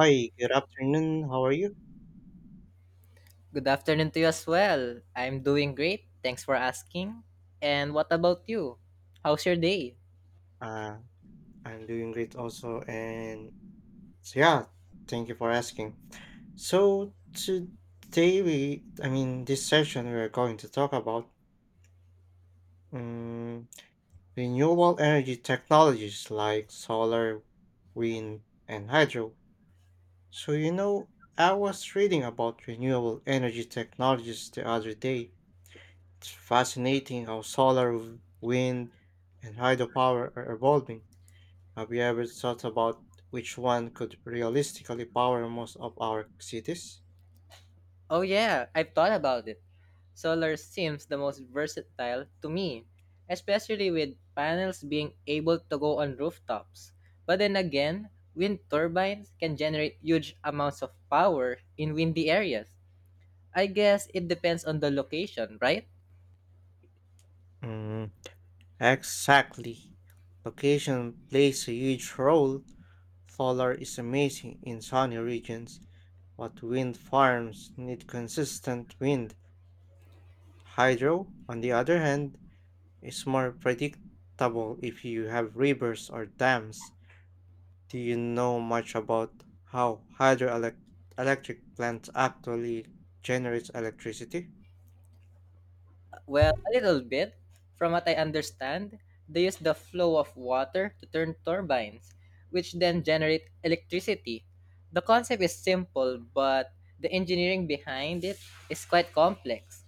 Hi, good afternoon. How are you? Good afternoon to you as well. I'm doing great. Thanks for asking. And what about you? How's your day? Uh, I'm doing great also, and so yeah, thank you for asking. So today I mean, this session we're going to talk about um, renewable energy technologies like solar, wind, and hydro. So I was reading about renewable energy technologies the other day. It's fascinating how solar, wind, and hydropower are evolving. Have you ever thought about which one could realistically power most of our cities? Oh, yeah, I've thought about it. Solar seems the most versatile to me, especially with panels being able to go on rooftops. But then again, wind turbines can generate huge amounts of power in windy areas. I guess it depends on the location, right? Mm, Exactly. Location plays a huge role. Solar is amazing in sunny regions, but wind farms need consistent wind. Hydro, on the other hand, is more predictable if you have rivers or dams. Do you know much about how hydroelectric plants actually generates electricity? Well, a little bit. From what I understand, they use the flow of water to turn turbines, which then generate electricity. The concept is simple, but the engineering behind it is quite complex.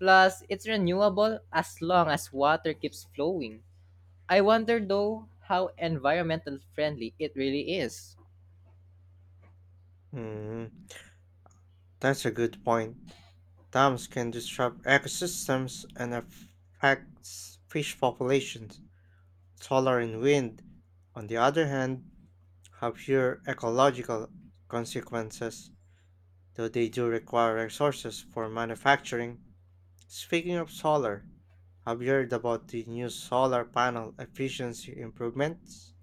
Plus, it's renewable as long as water keeps flowing. I wonder though how environmental friendly it really is. Mm, that's a good point. Dams can disrupt ecosystems and affect fish populations. Solar and wind, on the other hand, have fewer ecological consequences, though they do require resources for manufacturing. Speaking of solar, have you heard about the new solar panel efficiency improvements?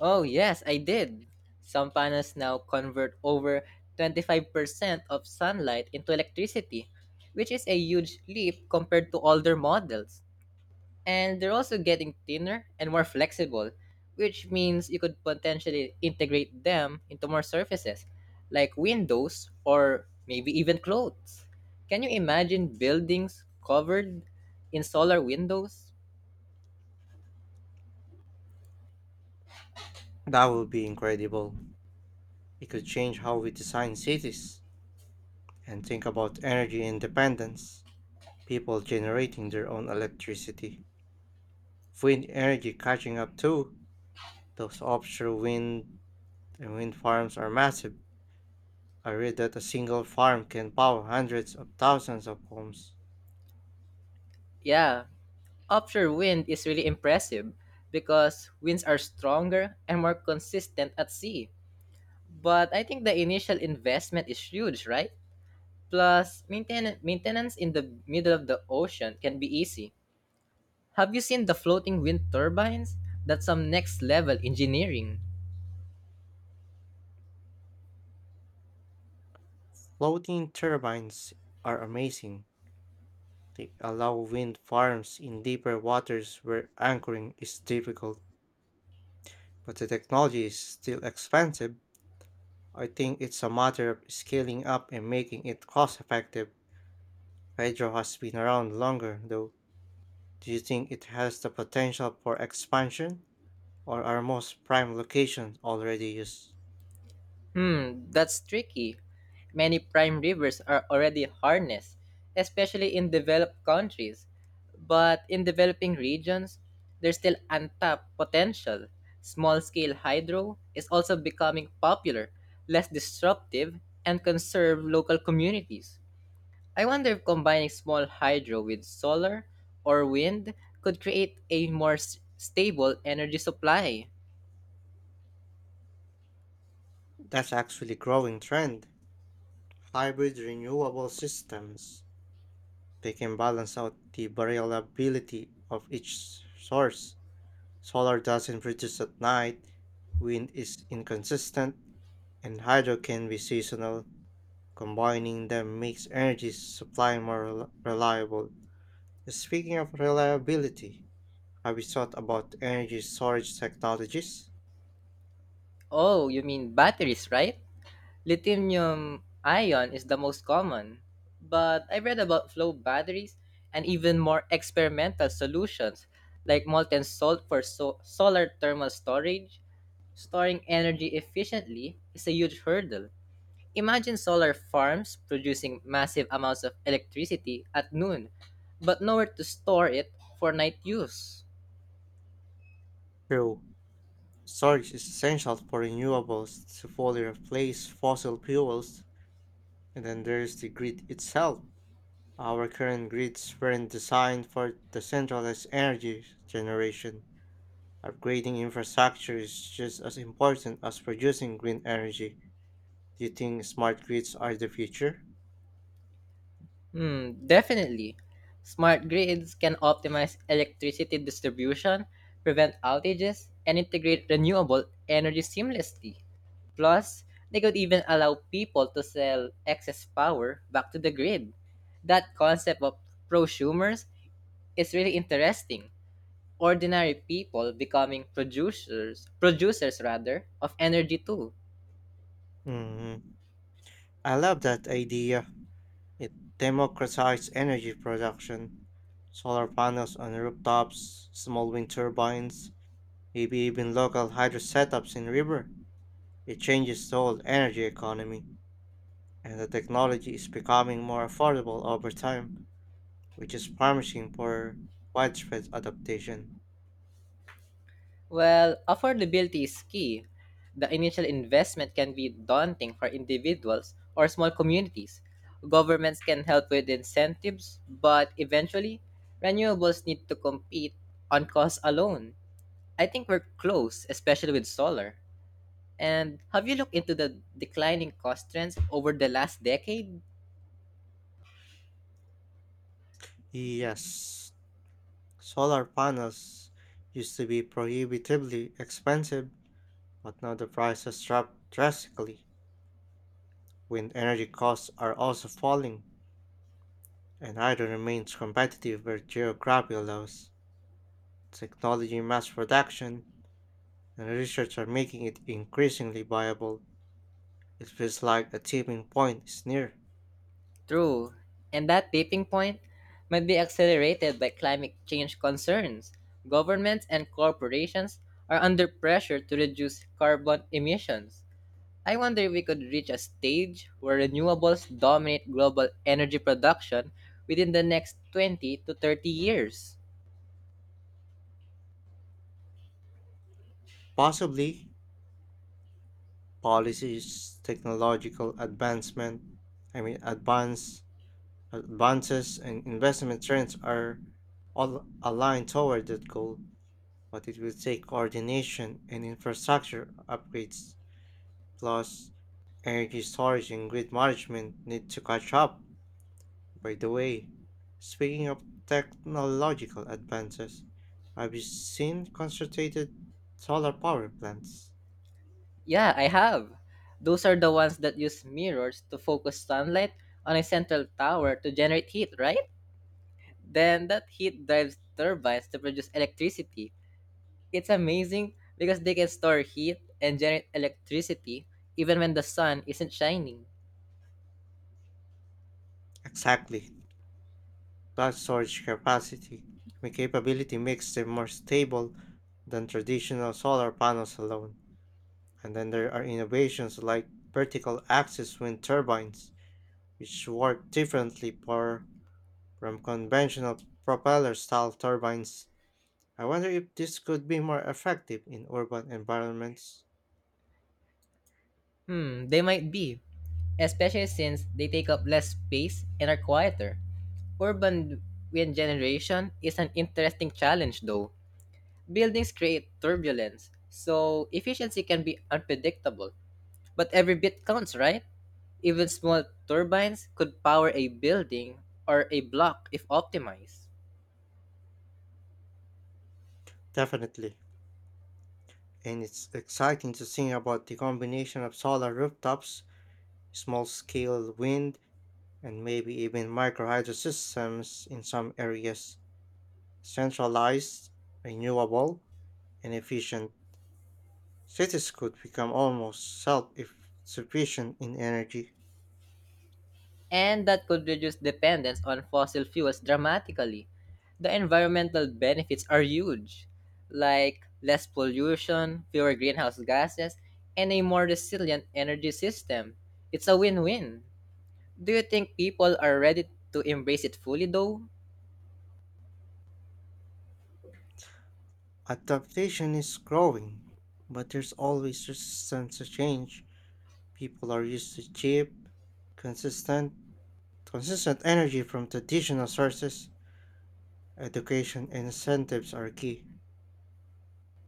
Oh, yes, I did. Some panels now convert over 25% of sunlight into electricity, which is a huge leap compared to older models. And they're also getting thinner and more flexible, which means you could potentially integrate them into more surfaces, like windows or maybe even clothes. Can you imagine buildings covered in solar windows? That would be incredible. It could change how we design cities and think about energy independence. People generating their own electricity. Wind energy catching up too. Those offshore wind and wind farms are massive. I read that a single farm can power hundreds of thousands of homes. Yeah, offshore wind is really impressive because winds are stronger and more consistent at sea. But I think the initial investment is huge, right? Plus, maintenance in the middle of the ocean can be easy. Have you seen the floating wind turbines? That's some next level engineering. Floating turbines are amazing. They allow wind farms in deeper waters where anchoring is difficult, but the technology is still expensive. I think it's a matter of scaling up and making it cost effective. Hydro has been around longer, though. Do you think it has the potential for expansion, or are most prime locations already used? Hmm, that's tricky. Many prime rivers are already harnessed, especially in developed countries. But in developing regions, there's still untapped potential. Small scale hydro is also becoming popular, less disruptive, and conserve local communities. I wonder if combining small hydro with solar or wind could create a more stable energy supply. That's actually growing trend. Hybrid renewable systems. They can balance out the variability of each source. Solar doesn't produce at night, wind is inconsistent, and hydro can be seasonal. Combining them makes energy supply more reliable. Speaking of reliability, have you thought about energy storage technologies? Oh, you mean batteries, right? Lithium ion is the most common, but I read about flow batteries and even more experimental solutions like molten salt for solar thermal storage. Storing energy efficiently is a huge hurdle. Imagine solar farms producing massive amounts of electricity at noon, but nowhere to store it for night use. True, storage is essential for renewables to fully replace fossil fuels, and then there's the grid itself. Our current grids weren't designed for decentralized energy generation. Upgrading infrastructure is just as important as producing green energy. Do you think smart grids are the future? Hmm, definitely. Smart grids can optimize electricity distribution, prevent outages, and integrate renewable energy seamlessly. Plus, they could even allow people to sell excess power back to the grid. That concept of prosumers is really interesting. Ordinary people becoming producers, producers rather, of energy too. Mm, I love that idea. It democratizes energy production. Solar panels on rooftops, small wind turbines, maybe even local hydro setups in river. It changes the whole energy economy, and the technology is becoming more affordable over time, which is promising for widespread adaptation. Well, affordability is key. The initial investment can be daunting for individuals or small communities. Governments can help with incentives, but eventually, renewables need to compete on cost alone. I think we're close, especially with solar. And have you looked into the declining cost trends over the last decade? Yes, solar panels used to be prohibitively expensive, but now the price has dropped drastically. Wind energy costs are also falling, and hydro remains competitive with geography allows. Technology, mass production, and research are making it increasingly viable. It feels like a tipping point is near. True, and that tipping point might be accelerated by climate change concerns. Governments and corporations are under pressure to reduce carbon emissions. I wonder if we could reach a stage where renewables dominate global energy production within the next 20 to 30 years. Possibly, policies, technological advancement, I mean, advances, and investment trends are all aligned toward that goal, but it will take coordination and infrastructure upgrades, plus energy storage and grid management need to catch up. By the way, speaking of technological advances, have you seen concentrated solar power plants? Yeah, I have. Those are the ones that use mirrors to focus sunlight on a central tower to generate heat, right? Then that heat drives turbines to produce electricity. It's amazing because they can store heat and generate electricity even when the sun isn't shining. Exactly. That storage capacity and capability makes them more stable than traditional solar panels alone. And then there are innovations like vertical axis wind turbines, which work differently for, from conventional propeller style turbines. I wonder if this could be more effective in urban environments. Hmm, they might be, especially since they take up less space and are quieter. Urban wind generation is an interesting challenge though. Buildings create turbulence, so efficiency can be unpredictable, but every bit counts, right? Even small turbines could power a building or a block if optimized. Definitely. And it's exciting to think about the combination of solar rooftops, small scale wind, and maybe even microhydro systems in some areas. Centralized, renewable, and efficient, cities could become almost self sufficient in energy. And that could reduce dependence on fossil fuels dramatically. The environmental benefits are huge, like less pollution, fewer greenhouse gases, and a more resilient energy system. It's a win win. Do you think people are ready to embrace it fully, though? Adaptation is growing, but there's always resistance to change. People are used to cheap, consistent, consistent energy from traditional sources. Education incentives are key.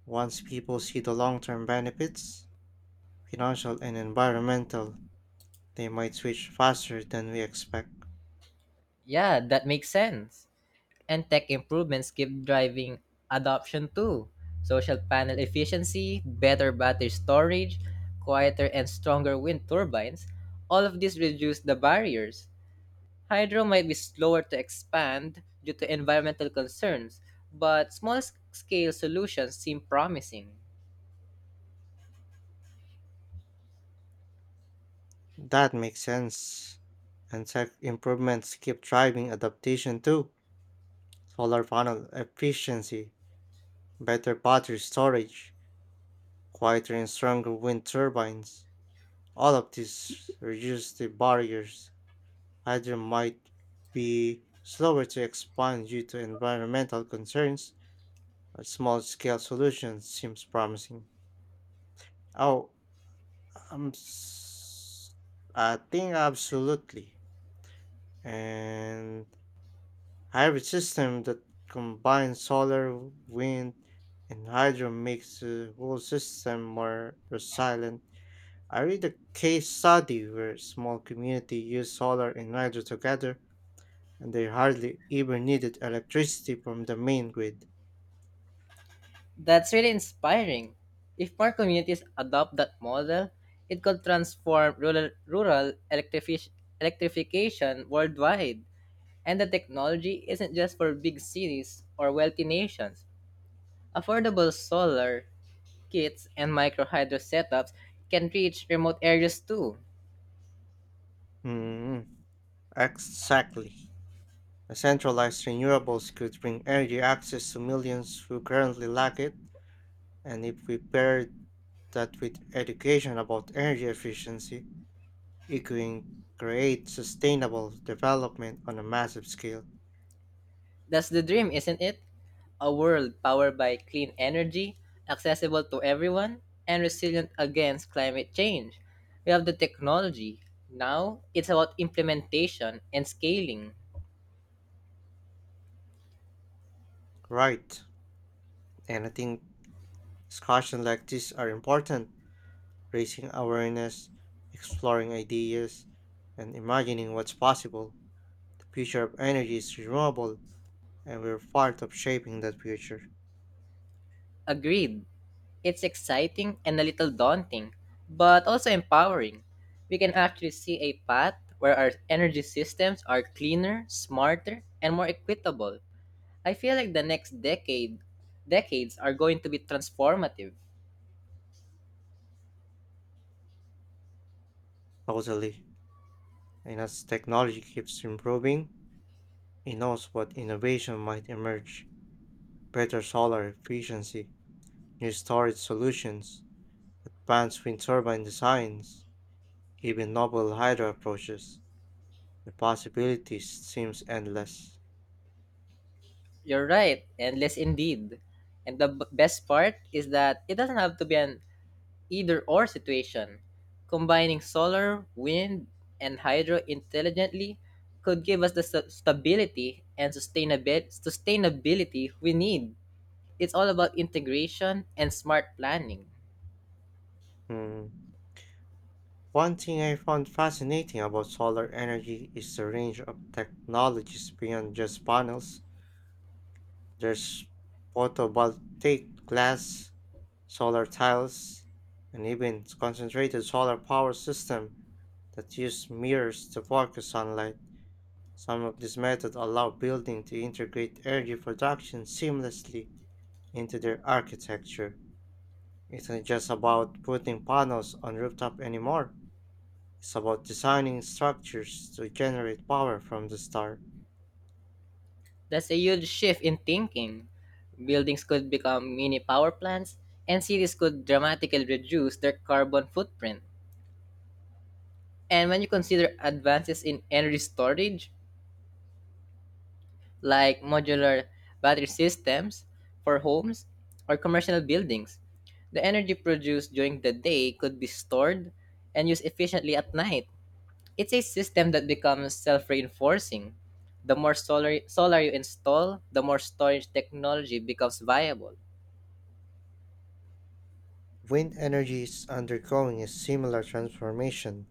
Once people see the long term benefits, financial and environmental, they might switch faster than we expect. Yeah, that makes sense. And tech improvements keep driving adoption too. Social panel efficiency, better battery storage, quieter and stronger wind turbines, all of these reduce the barriers. Hydro might be slower to expand due to environmental concerns, but small scale solutions seem promising. That makes sense. And tech improvements keep driving adaptation too. Solar panel efficiency, better battery storage, quieter and stronger wind turbines. All of these reduce the barriers. Hydro might be slower to expand due to environmental concerns, a small scale solution seems promising. Oh, um, s- I think absolutely. And hybrid system that combines solar, wind, and hydro makes the whole system more resilient. I read a case study where a small community used solar and hydro together, and they hardly even needed electricity from the main grid. That's really inspiring. If more communities adopt that model, it could transform rural electrification worldwide. And the technology isn't just for big cities or wealthy nations. Affordable solar kits and micro hydro setups can reach remote areas too. Mm, exactly. A centralized renewables could bring energy access to millions who currently lack it, and if we pair that with education about energy efficiency, it can create sustainable development on a massive scale. That's the dream, isn't it? A world powered by clean energy, accessible to everyone, and resilient against climate change. We have the technology. Now it's about implementation and scaling. Right, and I think discussions like this are important, raising awareness, exploring ideas, and imagining what's possible. The future of energy is renewable, and we're part of shaping that future. Agreed. It's exciting and a little daunting, but also empowering. We can actually see a path where our energy systems are cleaner, smarter, and more equitable. I feel like the next decades are going to be transformative. Totally. And as technology keeps improving, it knows what innovation might emerge better solar efficiency, new storage solutions, advanced wind turbine designs, even novel hydro approaches. The possibilities seems endless. You're right, endless indeed. And the best part is that it doesn't have to be an either or situation. Combining solar, wind, and hydro intelligently could give us the stability and sustainability we need. It's all about integration and smart planning. Hmm, One thing I found fascinating about solar energy is the range of technologies beyond just panels. There's photovoltaic glass solar tiles, and even concentrated solar power system that use mirrors to focus sunlight. Some of these methods allow buildings to integrate energy production seamlessly into their architecture. It's not just about putting panels on rooftop anymore. It's about designing structures to generate power from the start. That's a huge shift in thinking. Buildings could become mini power plants, and cities could dramatically reduce their carbon footprint. And when you consider advances in energy storage, like modular battery systems for homes or commercial buildings. The energy produced during the day could be stored and used efficiently at night. It's a system that becomes self reinforcing. The more solar you install, the more storage technology becomes viable. Wind energy is undergoing a similar transformation.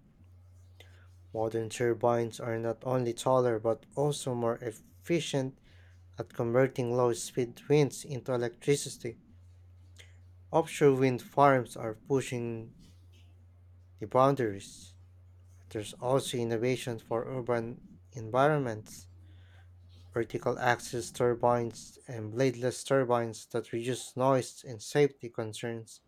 Modern turbines are not only taller but also more efficient at converting low speed winds into electricity. Offshore wind farms are pushing the boundaries. But there's also innovation for urban environments, vertical axis turbines and bladeless turbines that reduce noise and safety concerns.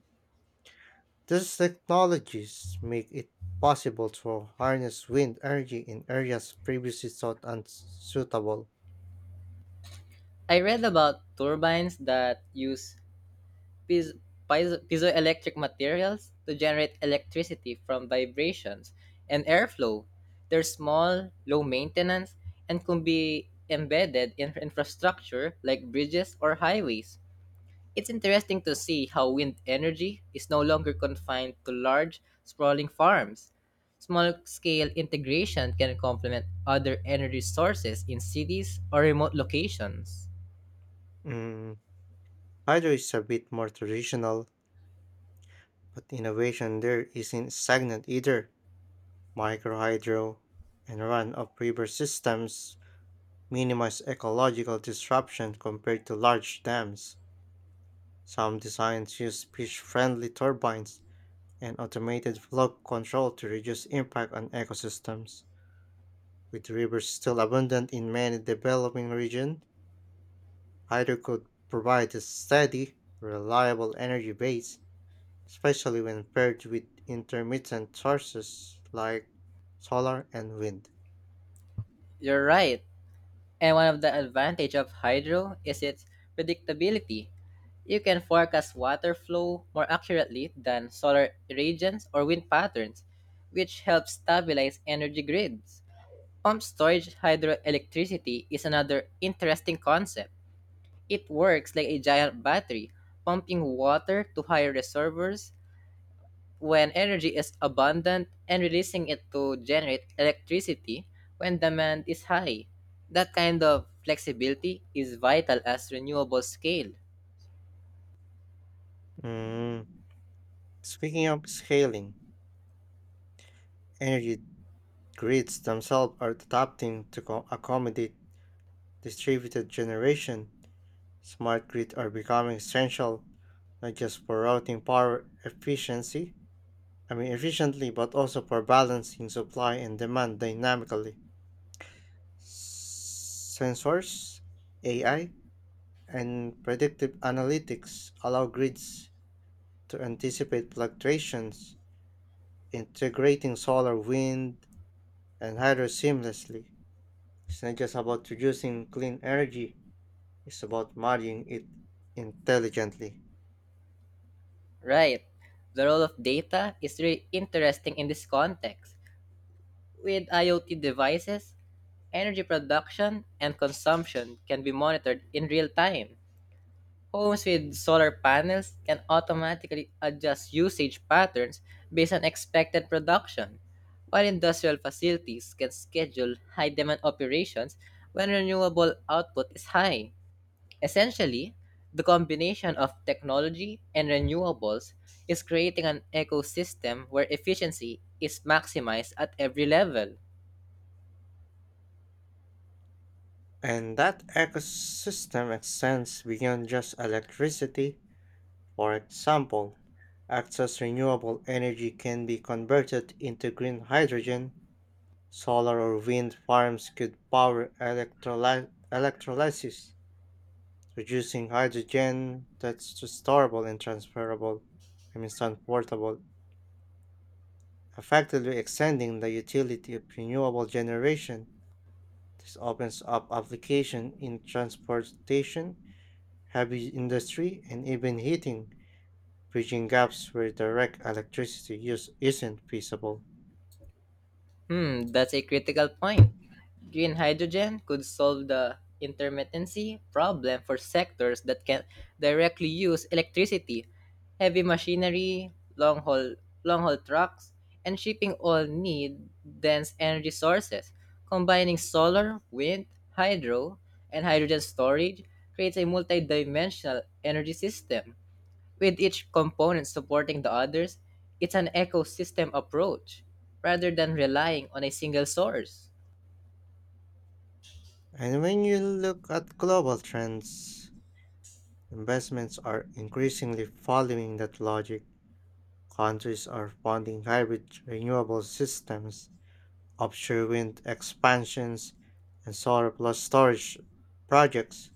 These technologies make it possible to harness wind energy in areas previously thought unsuitable. I read about turbines that use piz- piezoelectric materials to generate electricity from vibrations and airflow. They're small, low maintenance, and can be embedded in infrastructure like bridges or highways. It's interesting to see how wind energy is no longer confined to large, sprawling farms. Small scale integration can complement other energy sources in cities or remote locations. Mm, Hydro is a bit more traditional, but innovation there isn't stagnant either. Microhydro and run of river systems minimize ecological disruption compared to large dams. Some designs use fish friendly turbines and automated flow control to reduce impact on ecosystems. With rivers still abundant in many developing regions, hydro could provide a steady, reliable energy base especially when paired with intermittent sources like solar and wind. You're right. And one of the advantage of hydro is its predictability. You can forecast water flow more accurately than solar irradiance or wind patterns, which helps stabilize energy grids. Pump storage hydroelectricity is another interesting concept. It works like a giant battery, pumping water to higher reservoirs when energy is abundant and releasing it to generate electricity when demand is high. That kind of flexibility is vital as renewable scale. Mm, Speaking of scaling, energy grids themselves are adapting to accommodate distributed generation. Smart grids are becoming essential not just for routing power I mean efficiently, but also for balancing supply and demand dynamically. Sensors, AI, and predictive analytics allow grids to anticipate fluctuations, integrating solar, wind, and hydro seamlessly. It's not just about reducing clean energy, it's about managing it intelligently. Right. The role of data is really interesting in this context. With IoT devices, energy production and consumption can be monitored in real time. Homes with solar panels can automatically adjust usage patterns based on expected production, while industrial facilities can schedule high demand operations when renewable output is high. Essentially, the combination of technology and renewables is creating an ecosystem where efficiency is maximized at every level. And that ecosystem extends beyond just electricity. For example, excess renewable energy can be converted into green hydrogen. Solar or wind farms could power electrolysis, reducing hydrogen that's storable and I mean transportable, effectively extending the utility of renewable generation. This opens up application in transportation, heavy industry, and even heating, bridging gaps where direct electricity use isn't feasible. Hmm, that's a critical point. Green hydrogen could solve the intermittency problem for sectors that can directly use electricity. Heavy machinery, long haul trucks, and shipping all need dense energy sources. Combining solar, wind, hydro, and hydrogen storage creates a multi-dimensional energy system with each component supporting the others, it's an ecosystem approach rather than relying on a single source. And when you look at global trends, investments are increasingly following that logic. Countries are funding hybrid renewable systems, offshore wind expansions, and solar plus storage projects.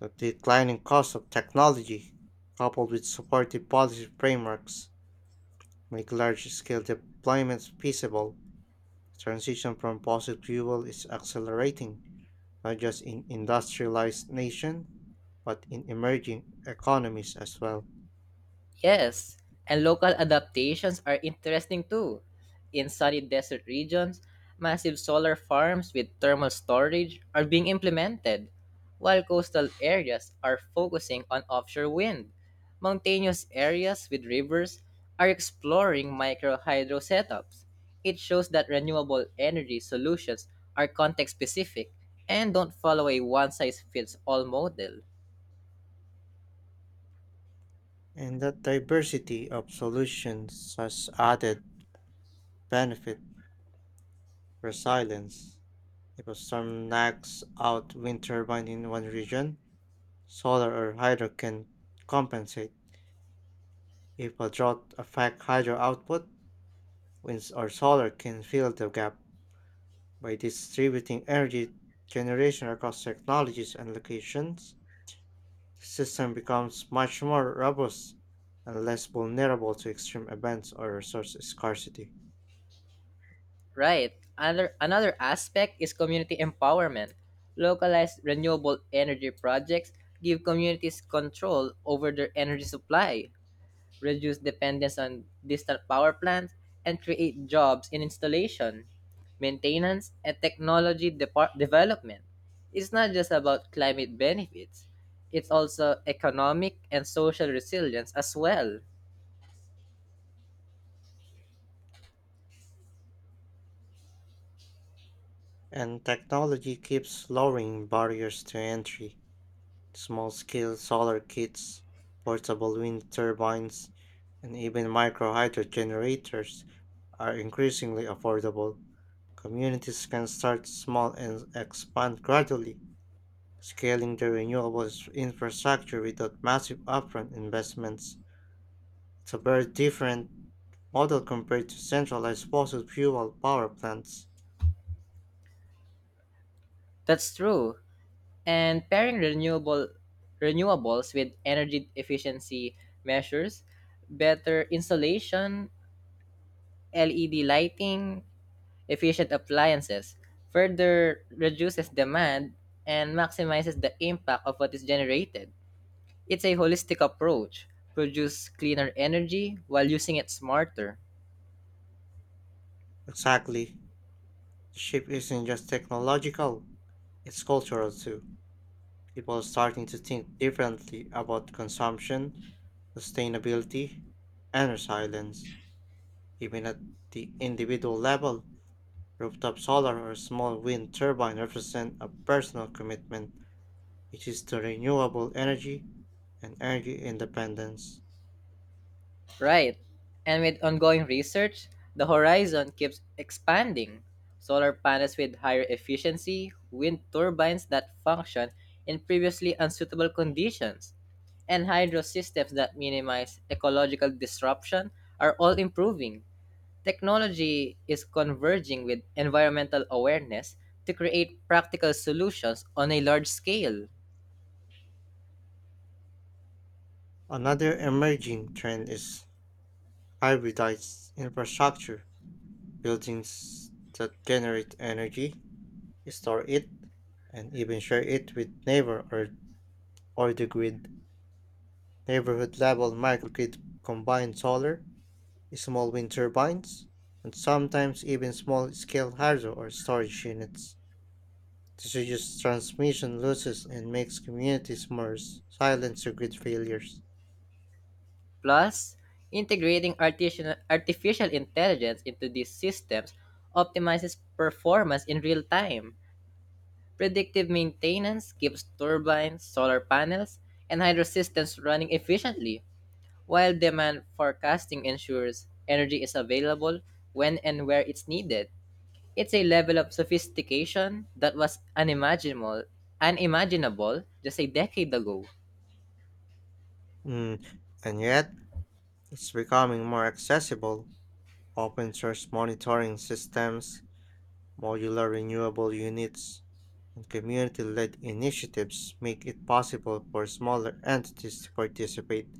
The declining cost of technology, coupled with supportive policy frameworks, make large scale deployments feasible. Transition from fossil fuel is accelerating, not just in industrialized nations, but in emerging economies as well. Yes, and local adaptations are interesting too. In sunny desert regions, massive solar farms with thermal storage are being implemented, while coastal areas are focusing on offshore wind. Mountainous areas with rivers are exploring micro hydro setups. It shows that renewable energy solutions are context specific and don't follow a one size fits all model. And that diversity of solutions has added benefit for silence. If a storm knocks out wind turbine in one region, solar or hydro can compensate. If a drought affects hydro output, winds or solar can fill the gap. By distributing energy generation across technologies and locations, the system becomes much more robust and less vulnerable to extreme events or resource scarcity. Right. Another aspect is community empowerment. Localized renewable energy projects give communities control over their energy supply, reduce dependence on distant power plants, and create jobs in installation, maintenance, and development. It's not just about climate benefits, it's also economic and social resilience as well. And technology keeps lowering barriers to entry. Small scale solar kits, portable wind turbines, and even micro hydro generators are increasingly affordable. Communities can start small and expand gradually, scaling their renewables infrastructure without massive upfront investments. It's a very different model compared to centralized fossil fuel power plants. That's true. And pairing renewables with energy efficiency measures, better insulation, LED lighting, efficient appliances further reduces demand and maximizes the impact of what is generated. It's a holistic approach, produce cleaner energy while using it smarter. Exactly. The shift isn't just technological, it's cultural too. People are starting to think differently about consumption, sustainability, and resilience. Even at the individual level, rooftop solar or small wind turbine represent a personal commitment, which is to renewable energy and energy independence. Right. And with ongoing research, the horizon keeps expanding. Solar panels with higher efficiency, wind turbines that function in previously unsuitable conditions, and hydro systems that minimize ecological disruption are all improving. Technology is converging with environmental awareness to create practical solutions on a large scale. Another emerging trend is hybridized infrastructure, buildings that generate energy, store it, and even share it with neighbor or the grid neighborhood level microgrid combine solar, small wind turbines, and sometimes even small scale hydro or storage units. This reduces transmission losses and makes communities more silent to grid failures. Plus, integrating artificial intelligence into these systems optimizes performance in real time. Predictive maintenance keeps turbines, solar panels, and hydro systems running efficiently, while demand forecasting ensures energy is available when and where it's needed. It's a level of sophistication that was unimaginable just a decade ago. Mm, And yet, it's becoming more accessible. Open source monitoring systems, modular renewable units, and community led initiatives make it possible for smaller entities to participate.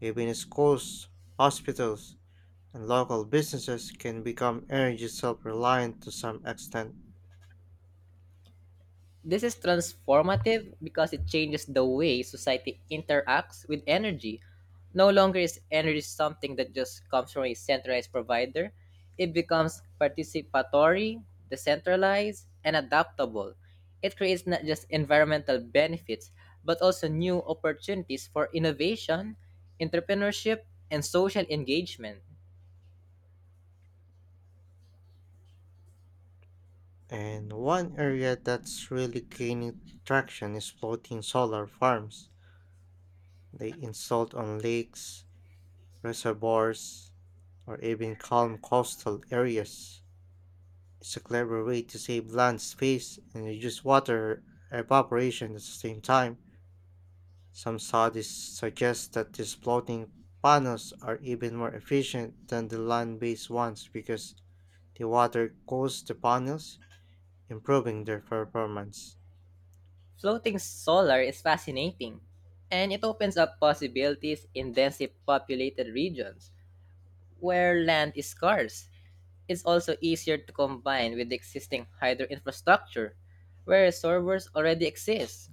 Even schools, hospitals, and local businesses can become energy self reliant to some extent. This is transformative because it changes the way society interacts with energy. No longer is energy something that just comes from a centralized provider, it becomes participatory, decentralized, and adaptable. It creates not just environmental benefits, but also new opportunities for innovation, entrepreneurship, and social engagement. And one area that's really gaining traction is floating solar farms. They installed on lakes, reservoirs, or even calm coastal areas. It's a clever way to save land space and reduce water evaporation at the same time. Some studies suggest that these floating panels are even more efficient than the land based ones because the water cools the panels, improving their performance. Floating solar is fascinating, and it opens up possibilities in densely populated regions where land is scarce. It's also easier to combine with the existing hydro infrastructure, where reservoirs already exist.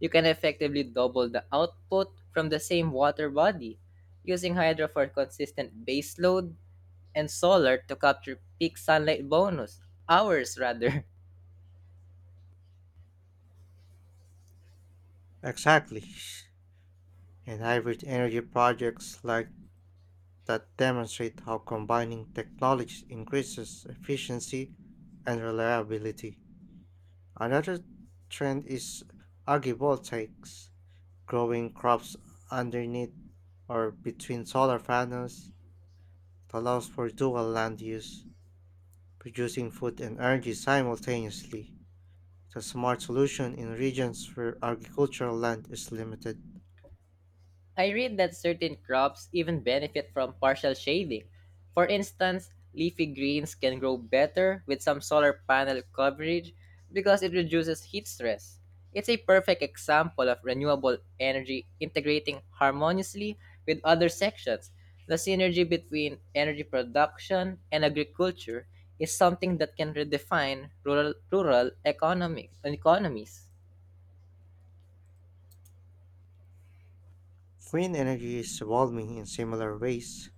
You can effectively double the output from the same water body, using hydro for consistent baseload and solar to capture peak sunlight bonus, hours rather. Exactly. And hybrid energy projects like that demonstrate how combining technologies increases efficiency and reliability. Another trend is agrivoltaics, growing crops underneath or between solar panels. It allows for dual land use, producing food and energy simultaneously. It's a smart solution in regions where agricultural land is limited. I read that certain crops even benefit from partial shading. For instance, leafy greens can grow better with some solar panel coverage because it reduces heat stress. It's a perfect example of renewable energy integrating harmoniously with other sections. The synergy between energy production and agriculture is something that can redefine rural economies. Wind energy is evolving in similar ways.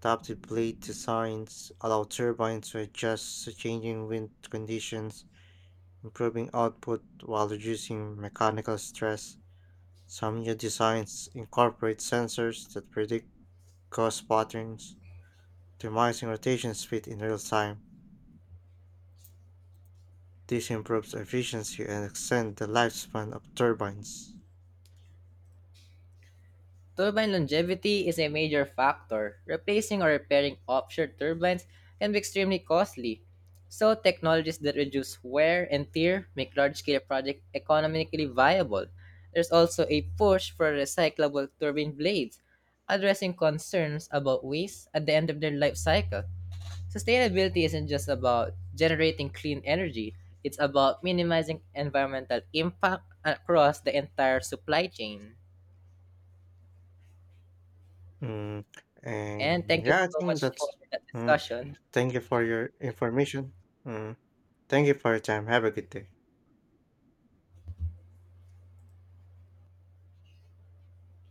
Adaptive blade designs allow turbines to adjust to changing wind conditions, improving output while reducing mechanical stress. Some new designs incorporate sensors that predict gust patterns, optimizing rotation speed in real time. This improves efficiency and extend the lifespan of turbines. Turbine longevity is a major factor. Replacing or repairing offshore turbines can be extremely costly. So, technologies that reduce wear and tear make large scale projects economically viable. There's also a push for recyclable turbine blades, addressing concerns about waste at the end of their life cycle. Sustainability isn't just about generating clean energy, it's about minimizing environmental impact across the entire supply chain. Mm, And and thank you yeah, I so think much for that's. that Mm, discussion. Thank you for your information. Mm, Thank you for your time. Have a good day.